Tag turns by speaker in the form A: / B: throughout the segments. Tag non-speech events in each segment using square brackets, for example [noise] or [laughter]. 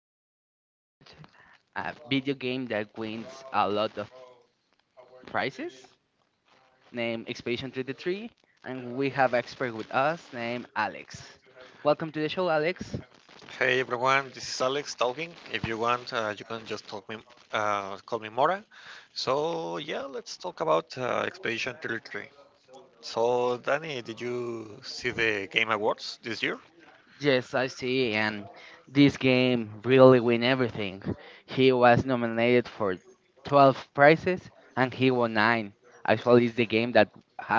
A: Works.
B: going to talk
A: About
B: about
A: a
B: a video
A: video game
B: game that
A: that we
B: wins a
A: love,
B: lot of prizes,
A: that name
B: named
A: is Space
B: Expedition
A: Under the Tree.
B: 33, and we have expert with us
A: Works.
B: named Alex. Welcome to the show, Alex.
A: Hey everyone, this is Alex talking. If you want, you can just talk me, call me Mora. So yeah, let's talk about Expedition 33. So Danny, did you see the Game Awards this year? Yes,
B: Yes,
A: I
B: I
A: see,
B: see,
A: and
B: and
A: this
B: this
A: can
B: game
A: riddle
B: really
A: with
B: win
A: everything.
B: everything. He
A: He was
B: was
A: nominated
B: nominated
A: for
B: for
A: 12
B: 12
A: prizes,
B: prizes,
A: and
B: and
A: he
B: he
A: won
B: won
A: nine.
B: 9. Actually,
A: Actually,
B: it's the
A: the game
B: game that
A: that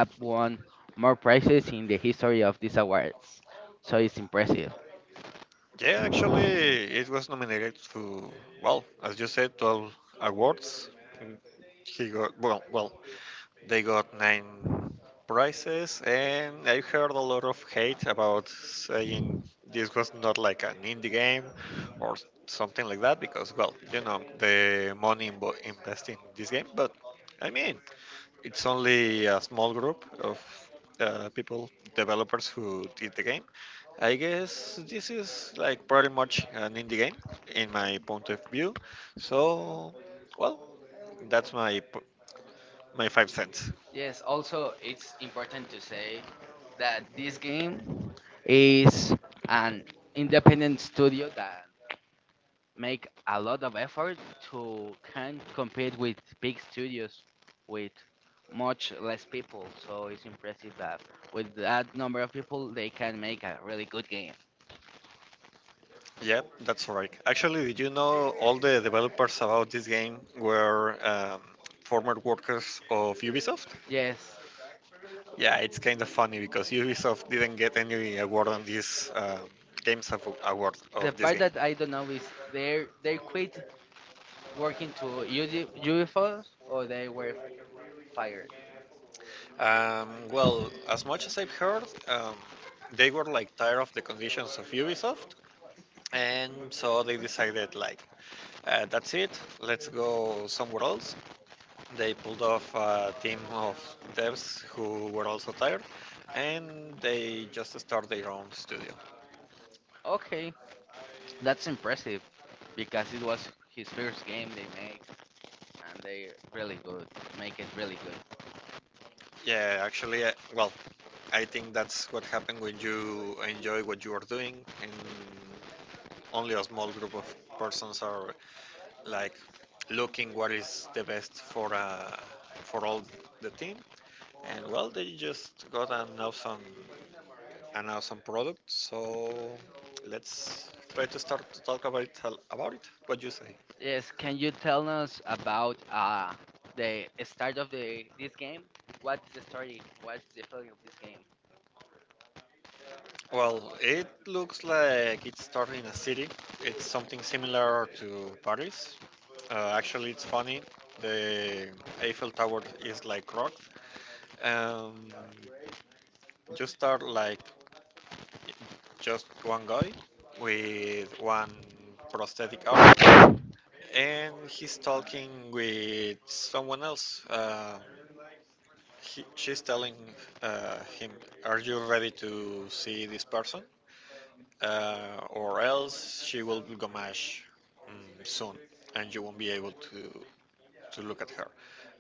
A: has won
B: won more
A: more prizes
B: prizes in
A: in
B: the
A: the
B: history
A: history of
B: of these
A: these awards.
B: awards,
A: So
B: so it's
A: it's impressive.
B: impressive.
A: Yeah, actually, it was nominated to, well, as you said, 12 awards. He got, well, they got nine prizes, and I heard a lot of hate about saying this was not like an indie game or something like that because, well, the money invested in this game, but I mean, it's only a small group of people, developers who did the game. I guess this is like pretty much an indie game in my point of view. So, well, that's my my 5 cents.
B: Yes, also it's important to say that this game is an independent studio that make a lot of effort to can compete with big studios with much less people. So it's impressive that with that number of people they can make a really good game.
A: Yeah, that's right. Actually, did you know all the developers about this game were former workers of Ubisoft?
B: Yes.
A: Yeah, it's kind of funny because Ubisoft didn't get any award on this Games of Award
B: The
A: of this
B: part
A: game.
B: that I don't know is they quit working to UFOs or they were fired.
A: Well, as much as I've heard, they were like tired of the conditions of Ubisoft, and so they decided like, that's it, let's go somewhere else. They pulled off a team of devs who were also tired, and they just start their own studio. Okay,
B: Okay, that's
A: that's
B: impressive,
A: impressive.
B: because it was his first game they make, and they really good, make it really good.
A: Yeah, actually, well, I think that's what happened when you enjoy what you are doing, and only a small group of persons are like looking what is the best for all the team. And well, they just got an awesome product. So let's try to start to talk about it. What do you say?
B: Yes, can you tell us about the start of the this game? What's the story? What's the feeling of this game?
A: Well, it looks like it started in a city. It's something similar to Paris. Actually, it's funny. The Eiffel Tower is like rocked. Um, you start like just one guy with one prosthetic arm, and he's talking with someone else. He, she's telling him, "Are you ready to see this person, or else she will go mash soon, and you won't be able to." To look at her.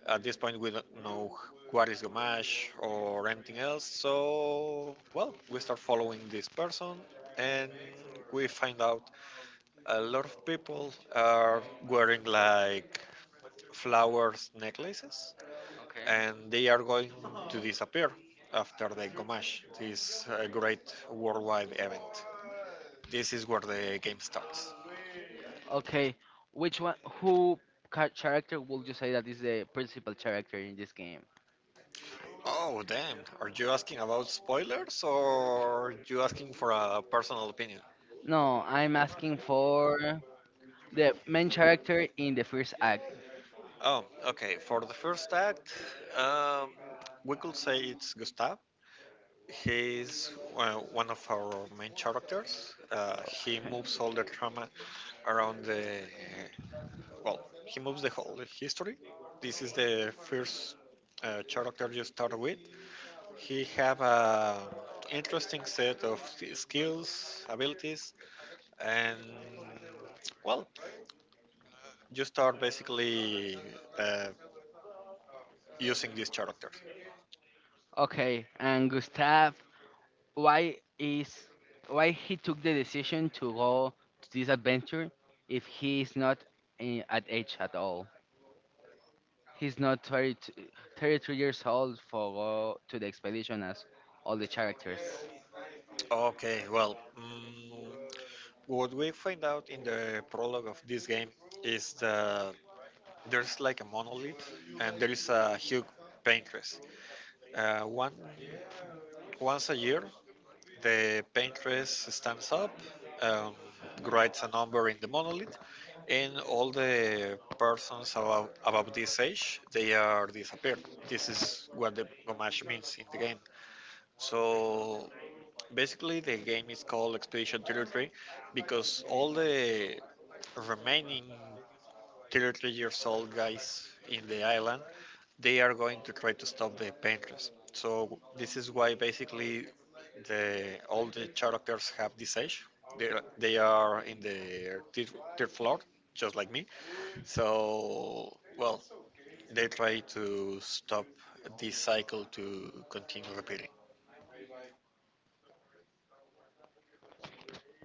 A: At this point, we don't know what is Gamash or anything else, so well, we start following this person and we find out a lot of people are wearing like flowers necklaces
B: Okay.
A: and they are going to disappear after the Gomash, this great worldwide event. This is where the game starts.
B: Okay, which one? Who character would you say that is the principal character in this game?
A: Oh, damn. Are you asking about spoilers or are you asking for a personal opinion?
B: No, I'm asking for the main character in the first act.
A: Oh, okay. For the first act, um, we could say it's Gustav. He is one of our main characters. He
B: [laughs] Okay,
A: moves all the drama around the well. He moves the whole history. This is the first character you start with. He have a interesting set of skills, abilities, and well, you start basically uh, using this character.
B: okay, and Gustav, why is why he took the decision to go to this adventure if he is not, in, at age at all, he's not 30, 33 years old for go to the expedition as all the characters.
A: Okay, well. What we find out in the prologue of this game is that there's like a monolith and there is a huge paintress. Uh, one, once a year, the paintress stands up, um, writes a number in the monolith, and all the persons about this age, they are disappeared. This is what the Gomash means in the game. So basically, the game is called Expedition Territory because all the remaining 33 years old guys in the island they are going to try to stop the painters. So this is why basically the all the characters have this age. They are in the third floor, just like me. So well, they try to stop this cycle to continue repeating.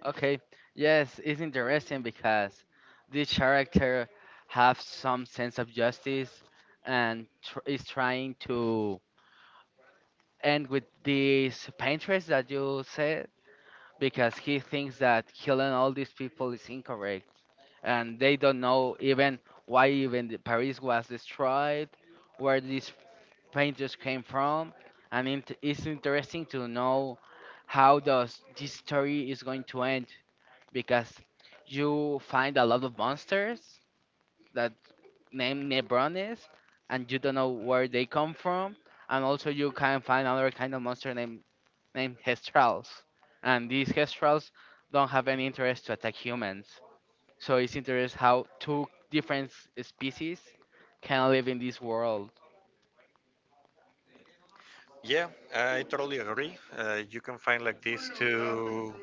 B: Okay, yes, it's interesting because this character have some sense of justice and is trying to end with this pain that you said, because he thinks that killing all these people is incorrect and they don't know even why even the Paris was destroyed, where these painters came from, and it's interesting to know how does this story is going to end, because you find a lot of monsters that name Nebrones and you don't know where they come from, and also you can find another kind of monster named Hestrals, and these Hestrals don't have any interest to attack humans, so it's interesting how two different species can live in this world.
A: Yeah, I totally agree. You can find like these two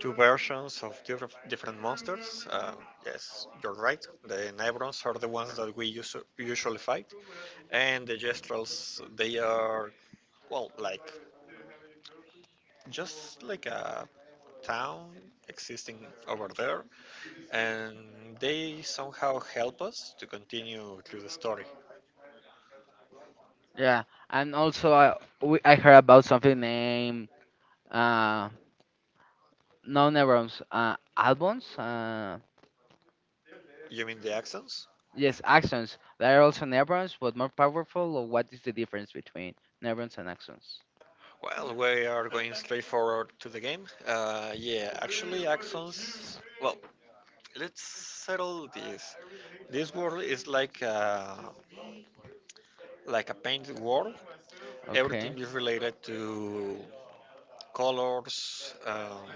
A: two versions of different monsters. Yes, you're right. The Nevrons are the ones that we usually fight, and the Jestrels they are well like just like a town existing over there, and they somehow help us to continue through the story.
B: Yeah, and also I heard about something named, uh no, neurons, albums,
A: You mean the accents?
B: yes, axons. They are also neurons but more powerful. Or what is the difference between neurons and axons?
A: Well, we are going straight forward to the game. Yeah, actually, Axons. Well, let's settle this. This world is like a painted world.
B: Okay.
A: Everything is related to colors,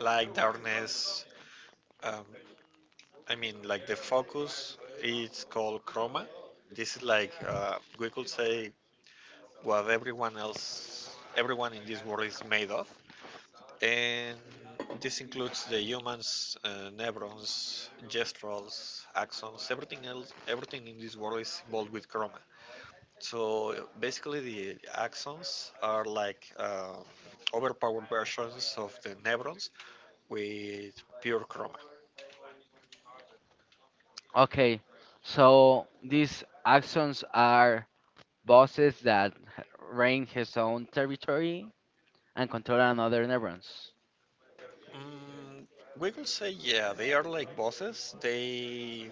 A: light, darkness. Um, I mean, like the focus is called chroma. This is like we could say what everyone else, everyone in this world is made of. And this includes the humans, neurons, gestural axons, everything else, everything in this world is involved with chroma. So basically, the axons are like overpowered versions of the neurons with pure chroma.
B: Okay, so these axons are bosses that h- reign his own territory and control another neurons.
A: Mm, we could say, yeah, they are like bosses. They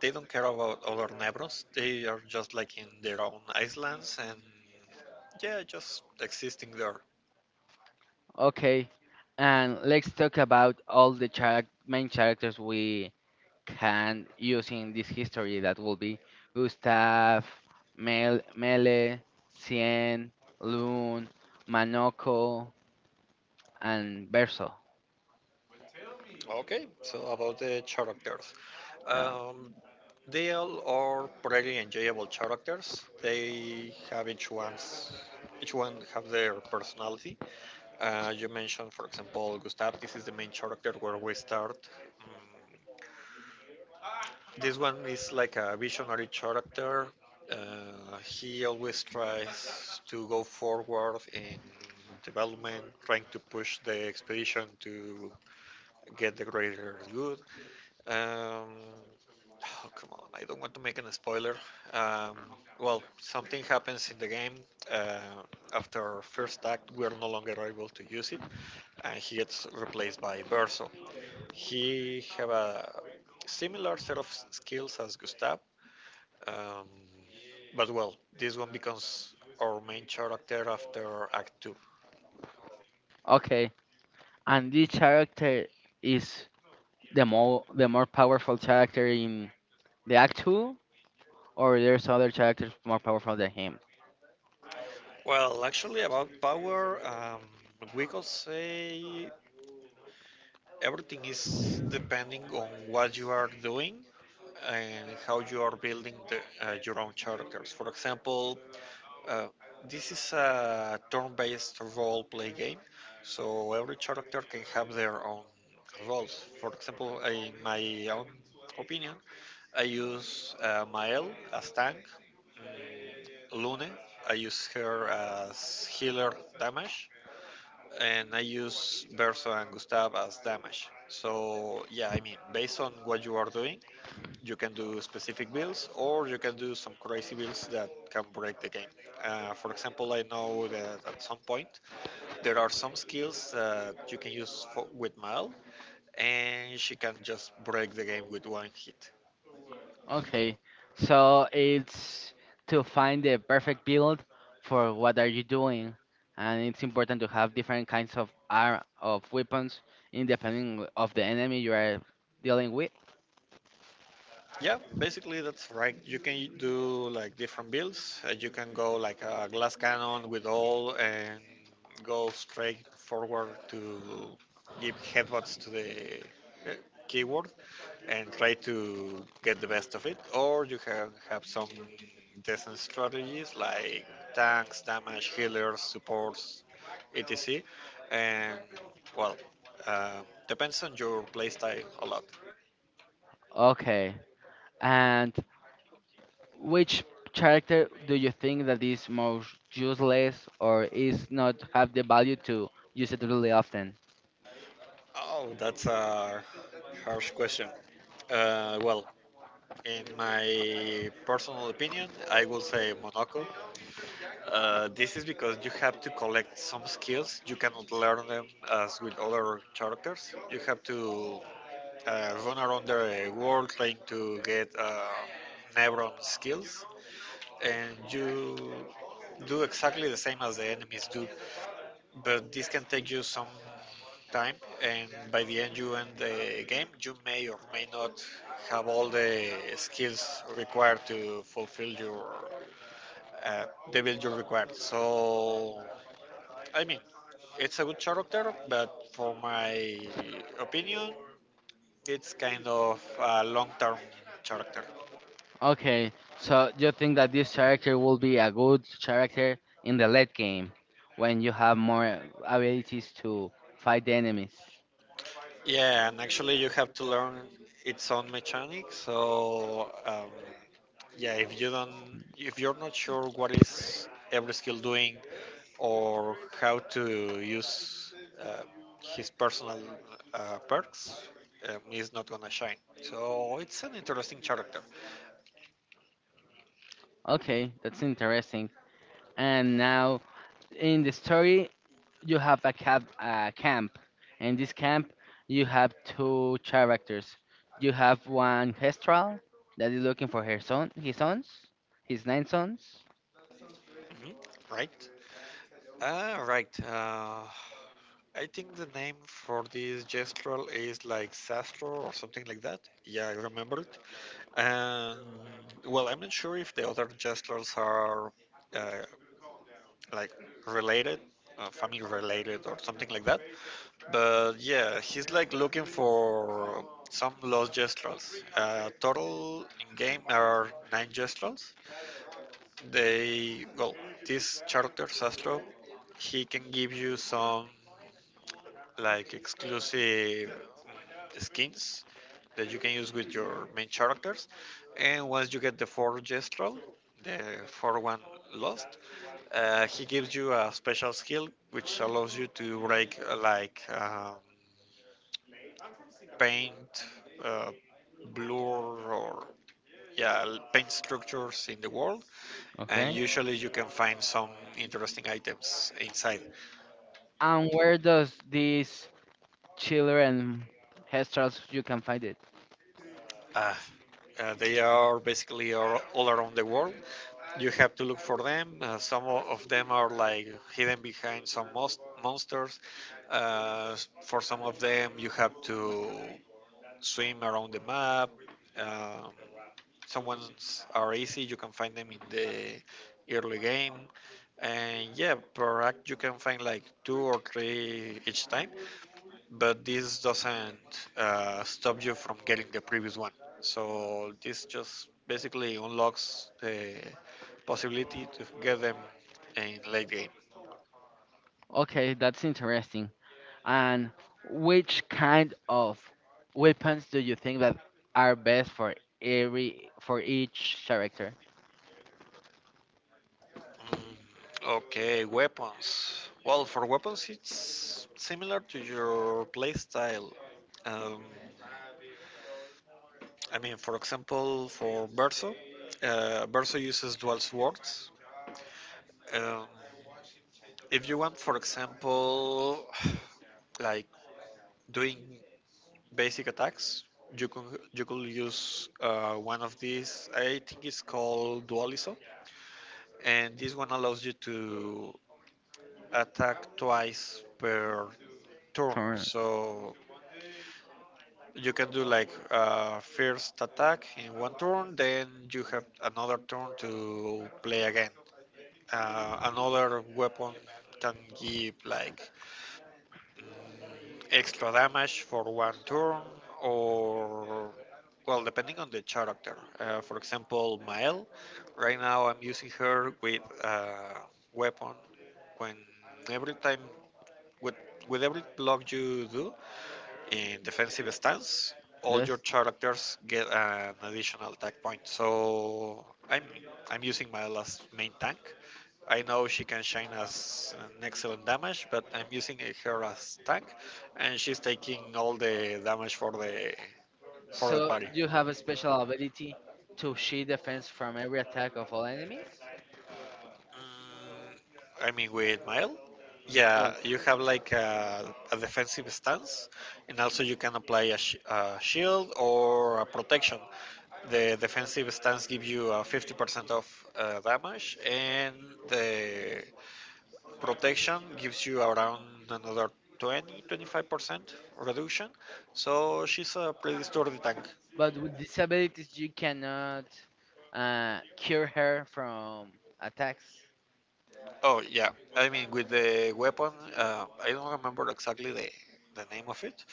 A: they don't care about other neurons. They are just like in their own islands and yeah, just existing there.
B: Okay, and let's talk about all the charac main characters we can use in this history. That will be Gustav, Mele, Cien, Loon, Manoko, and Verso.
A: Okay, so about the characters.
B: Um,
A: Um, they all are pretty enjoyable characters. They have each one have their personality. You mentioned, for example, Gustav. This is the main character where we start. Mm, This one is like a visionary character. He always tries to go forward in development, trying to push the expedition to get the greater good. Um, oh, come on, I don't want to make a spoiler. Um, well, something happens in the game. Uh, after first act, we are no longer able to use it, and he gets replaced by Verso. He have a similar set of skills as Gustav, um, but well, this one becomes our main character after Act Two.
B: okay, and this character is the more powerful character in the Act Two, or there's other characters more powerful than him.
A: Well, actually, about power, we could say everything is depending on what you are doing and how you are building your own characters. For example, uh, this is a turn-based role-play game, so every character can have their own roles. For example, in my own opinion, I use Mael as tank, Lune. I use her as healer damage, and I use Verso and Gustav as damage. So yeah, I mean, based on what you are doing, you can do specific builds or you can do some crazy builds that can break the game. For example, I know that at some point there are some skills that you can use for, with Mal, and she can just break the game with one hit.
B: Okay, so it's to find the perfect build for what are you doing, and it's important to have different kinds of ar of weapons in depending of the enemy you are dealing with.
A: Yeah, basically that's right. You can do like different builds. You can go like a glass cannon with all and go straight forward to give headbutts to the uh, keyword and try to get the best of it. Or you can have some decent strategies like tanks, damage, healers, supports, etc. And well, uh, depends on your playstyle a lot.
B: Okay, and which character do you think that is most useless or is not have the value to use it really often?
A: Oh, that's a harsh question. Well, in my personal opinion, I will say Monaco. This is because you have to collect some skills. You cannot learn them as with other characters. You have to run around the world trying to get Nebron skills, and you do exactly the same as the enemies do, but this can take you some time, and by the end you end the game, you may or may not have all the skills required to fulfill your uh, the build you require. So, I mean, it's a good character, but for my opinion, it's kind of a long-term character.
B: Okay, so you think that this character will be a good character in the late game when you have more abilities to fight the enemies.
A: Yeah, and actually you have to learn its own mechanics. So yeah, if you don't, if you're not sure what is every skill doing or how to use uh, his personal perks, he's not gonna shine. So it's an interesting character,
B: Okay, that's interesting. And now in the story, you have a camp. In this camp, you have two characters. You have one Hestral that is looking for her son, his sons, his nine sons.
A: hmm right? Ah, right. I think the name for this gestural is like Sastro or something like that. Yeah, I remember. And well, I'm not sure if the other gestures are uh, like related, family related, or something like that. But yeah, he's like looking for some lost gestrels. Total in game are nine gestrels. They well, this character Sastro, he can give you some like exclusive skins that you can use with your main characters. And once you get the four gestural, the four one lost, he gives you a special skill which allows you to break like paint, uh, blur, or yeah, paint structures in the world. And
B: Okay.
A: usually you can find some interesting items inside.
B: And where does this chiller and headstrokes you can find it.
A: Uh, they are basically all around the world. You have to look for them. Some of them are like hidden behind some most monsters. Uh, for some of them, you have to swim around the map. Um, some ones are easy. You can find them in the early game. And yeah, per act you can find like two or three each time but this doesn't stop you from getting the previous one. So this just basically unlocks the possibility to get them in late game.
B: Okay, that's interesting. And which kind of weapons do you think that are best for every for each character?
A: Mm, okay, weapons. Well, for weapons, it's similar to your playstyle. Um, I mean, for example, for Berso, Berso uses dual swords. Um, if you want, for example, [sighs] like doing basic attacks. You could use one of these. I think it's called Dualiso, and this one allows you to attack twice per turn.
B: Turn.
A: So you can do like first attack in one turn, then you have another turn to play again. Another weapon can give like extra damage for one turn, or well, depending on the character. For example, Mael. Right now, I'm using her with weapon. When every time with with every block you do, in defensive stance, all
B: Yes.
A: your characters get an additional attack point. So I'm using my last main tank. I know she can shine as an excellent damage, but I'm using her as tank, and she's taking all the damage for the
B: So
A: party.
B: you have a special ability to shield defense from every attack of all enemies.
A: Mm, I mean, with Mile, yeah,
B: Yes.
A: you have like a defensive stance, and also you can apply a, a shield or a protection. The defensive stance gives you a 50% of damage, and the protection gives you around another 20 25% reduction. So she's a pretty sturdy tank.
B: But with disabilities, you cannot cure her from attacks.
A: Oh yeah, I mean with the weapon, I don't remember exactly the name of it,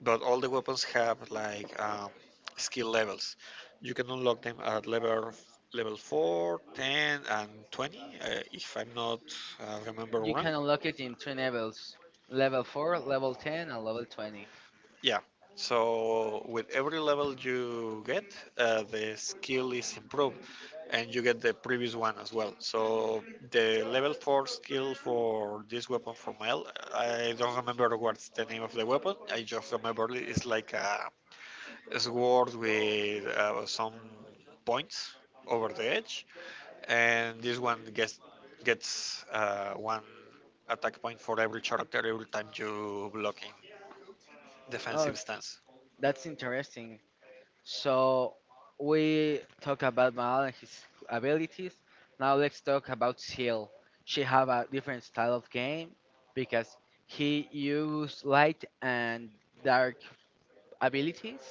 A: but all the weapons have like skill levels. You can unlock them at level 4, 10, and 20, if I'm not remember
B: You
A: wrong.
B: can unlock it in three levels: level four, level 10, and level 20.
A: Yeah. So with every level you get, the skill is improved, and you get the previous one as well. So the level 4 skill for this weapon from L, I don't remember what's the name of the weapon. I just remember it's like a sword with some points over the edge, and this one gets one attack point for every character every time you block in
B: Oh,
A: defensive stance.
B: that's interesting. So we talk about Mal and his abilities. Now let's talk about Seal. She have a different style of game because he used light and dark abilities,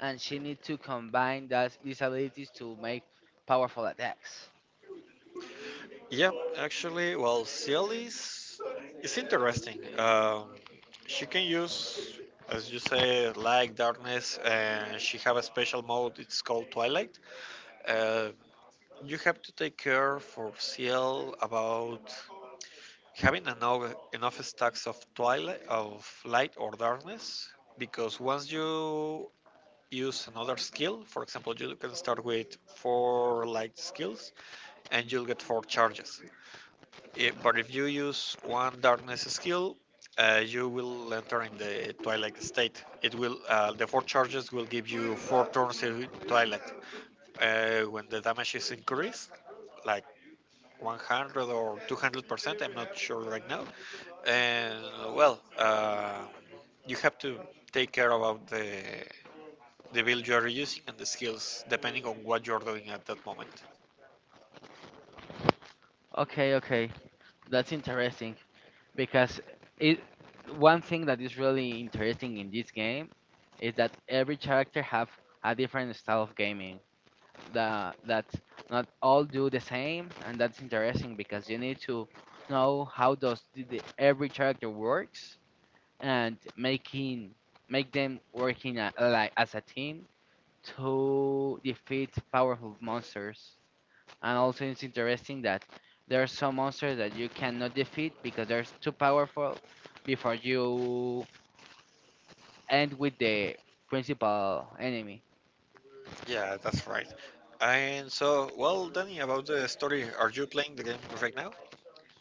B: and she need to combine these abilities to make powerful attacks.
A: Yeah, actually, well, is interesting. She can use, as you say, light, darkness, and she have a special mode. It's called Twilight. Uh, you have to take care for Ciel about having enough stacks of Twilight, of light or darkness, because once you use another skill, for example, you can start with four light skills, and you'll get four charges. Eh, but if you use one darkness skill, you will enter in the twilight state. It will the four charges will give you four turns in twilight. When the damage is increased, like 100 or 200%, I'm not sure right now. And well, you have to take care about the build you are using and the skills depending on what you're doing at that moment.
B: Okay, okay, that's interesting, because it one thing that is really interesting in this game is that every character have a different style of gaming, that not all do the same, and that's interesting because you need to know how does every character works, and making make them working, like as a team to defeat powerful monsters. And also, it's interesting that there are some monsters that you cannot defeat because they're too powerful before you end with the principal enemy.
A: Yeah, that's right. And so, well, Danny, about the story, are you playing the game right now?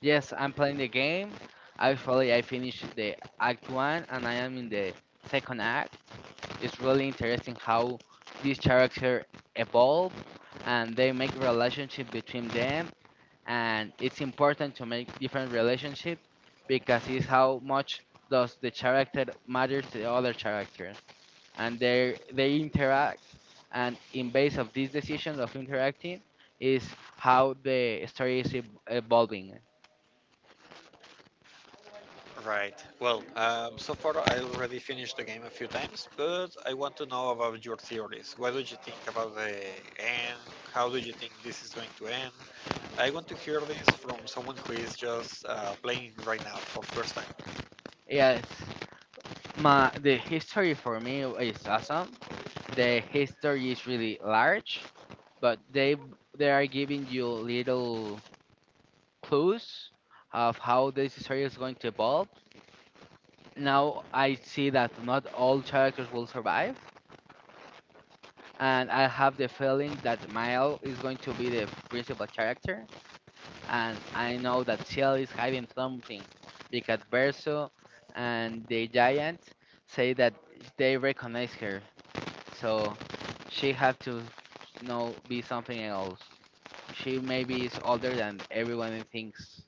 B: Yes, I'm playing the game. Actually, I finished the act one and I am in the second act. It's really interesting how this character evolve and they make relationship between them, and it's important to make different relationships because it's how much does the character matters to the other character, and they interact, and in base of these decisions of interacting is how the story is evolving.
A: Right. Well, so far I already finished the game a few times, but I want to know about your theories. What do you think about the end? How do you think this is going to end? I want to hear this from someone who is just playing right now for first time.
B: Yes, my the history for me is awesome. The history is really large, but they are giving you little clues of how this story is going to evolve. Now I see that not all characters will survive, and I have the feeling that Mael is going to be the principal character, and I know that Ciel is hiding something because Verso and the giant say that they recognize her, so she have to know be something else. She maybe is older than everyone thinks.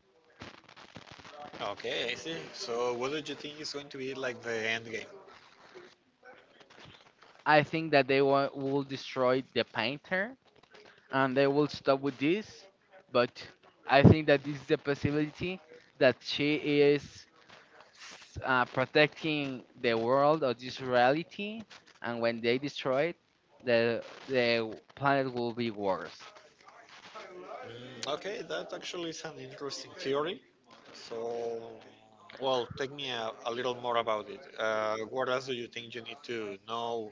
A: Okay, I see. So, what do you think is going to be like the end game?
B: I think that they will destroy the painter and they will stop with this. But I think that this is the possibility that she is protecting the world or this reality, and when they destroy it, the planet will be worse.
A: Mm, okay, that actually is an interesting theory. So, well, take me a little more about it. What else do you think you need to know,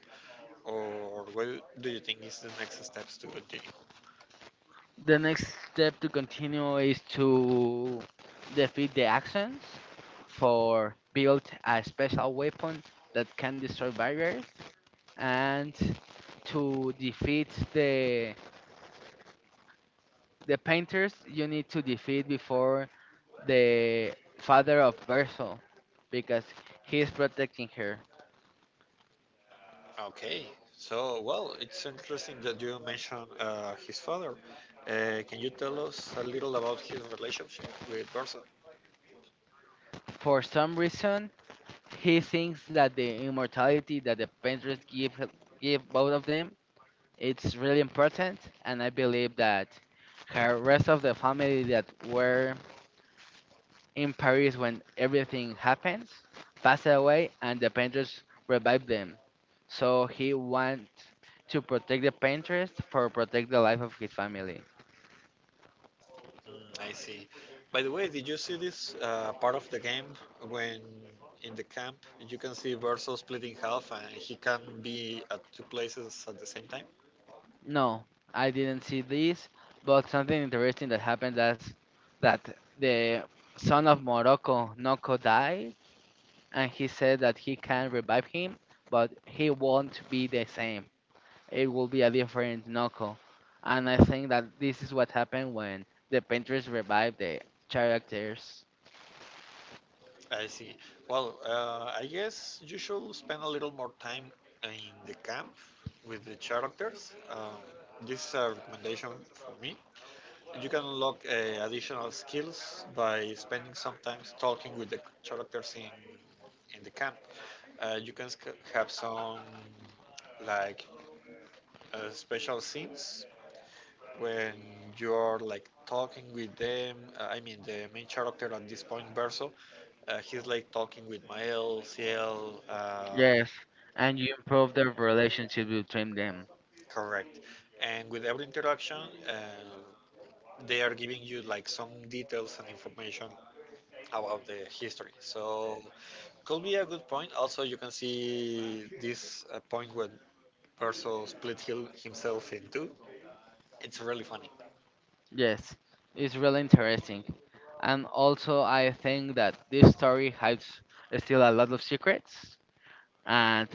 A: or what do you think is the next steps to continue?
B: The next step to continue is to defeat the actions for build a special weapon that can destroy barriers, and to defeat the painters you need to defeat before the father of Bersol because he is protecting her.
A: Okay, so well, it's interesting that you mentioned his father. Can you tell us a little about his relationship with Bertha?
B: For some reason, he thinks that the immortality that the painters give both of them it's really important, and I believe that her rest of the family that were in Paris when everything happens, passed away and the painters revived them. So he wants to protect the painters for protect the life of his family.
A: I see. By the way, did you see this part of the game when in the camp you can see Verso split in half and he can be at two places at the same time?
B: No, I didn't see this, but something interesting that happened is that the son of Morocco, Noko, died and he said that he can revive him, but he won't be the same. It will be a different knuckle. And I think that this is what happened when the painters revived the characters.
A: I see. Well, I guess you should spend a little more time in the camp with the characters. This is a recommendation for me. You can unlock additional skills by spending some time talking with the characters in the camp. You can have some like special scenes when you're like talking with them. I mean, the main character at this point, Verso, he's like talking with Mael, Ciel.
B: Yes, and you improve the relationship between them.
A: Correct. And with every interaction, uh, they are giving you like some details and information about the history. So could be a good point. Also, you can see this point when Perso himself in two. It's really funny.
B: Yes, it's really interesting. And also, I think that this story hides still a lot of secrets. And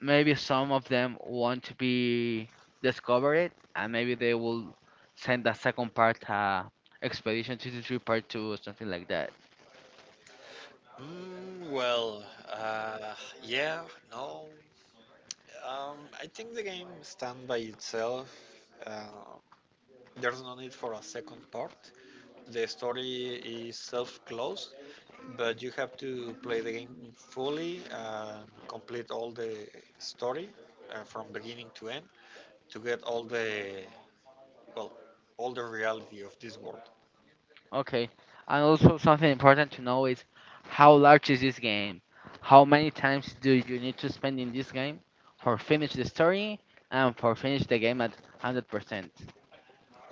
B: maybe some of them want to be discover it and maybe they will send a second part, expedition 223 part 2 or something like that.
A: Mm, well, uh, yeah, no. I think the game stands by itself. Uh, there's no need for a second part. The story is self-closed, but you have to play the game fully and complete all the story from beginning to end to get all the well, all the reality of this world.
B: Okay, and also something important to know is how large is this game, how many times do you need to spend in this game for finish the story and for finish the game at 100%.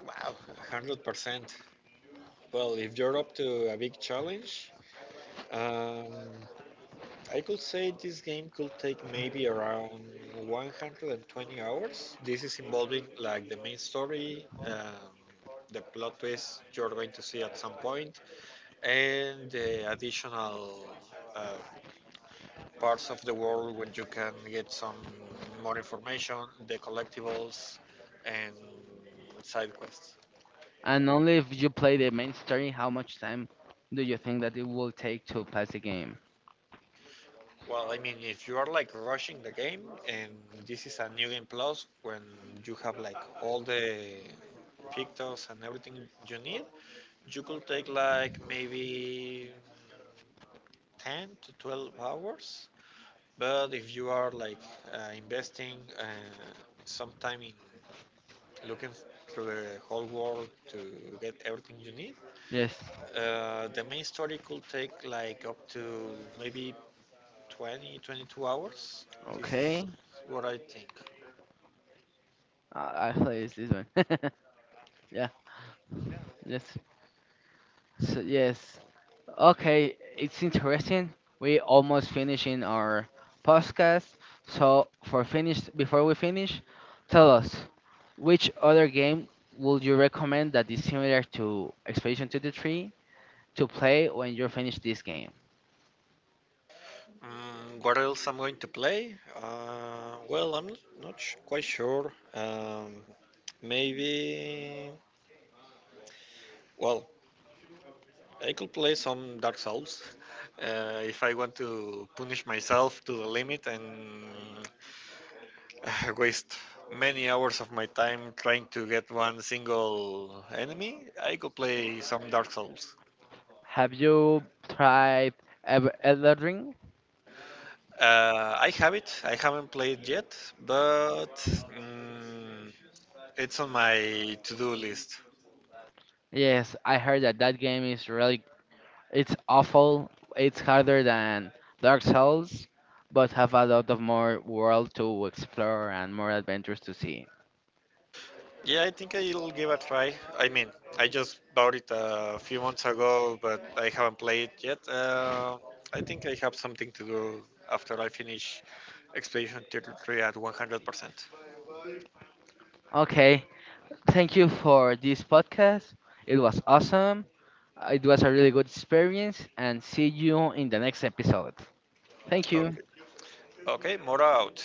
A: Wow, 100%. Well, if you're up to a big challenge, um, I could say this game could take maybe around 120 hours. This is involving like the main story, the plot twist you're going to see at some point, and the additional uh, parts of the world where you can get some more information, the collectibles, and side quests.
B: And only if you play the main story, how much time do you think that it will take to pass the game?
A: Well, I mean, if you are like rushing the game and this is a new game plus when you have like all the pictures and everything you need, you could take like maybe 10 to 12 hours. But if you are like investing some time in looking through the whole world to get everything you need,
B: Yes.
A: the main story could take like up to maybe 20, 22 hours. This is
B: Okay.
A: what I think.
B: I play this one. [laughs] Yeah. Yes. So yes. Okay. It's interesting. We almost finishing our podcast. So for finish, before we finish, tell us which other game would you recommend that is similar to Expedition to the Tree to play when you finish this game?
A: Mm, what else I'm going to play? Well, I'm not sh- quite sure. Maybe. Well, I could play some Dark Souls [laughs] if I want to punish myself to the limit and [laughs] waste many hours of my time trying to get one single enemy. I could play some Dark Souls.
B: Have you tried Elden Ring?
A: I have it. I haven't played yet, but mm, it's on my to-do list.
B: Yes, I heard that that game is really. It's awful. It's harder than Dark Souls, but have a lot of more world to explore and more adventures to see.
A: Yeah, I think I'll give a try. I mean, I just bought it a few months ago, but I haven't played it yet. I think I have something to do after I finish Expedition 33 at 100%.
B: Okay, thank you for this podcast. It was awesome. It was a really good experience, and see you in the next episode. Thank you.
A: Okay, okay, Mora out.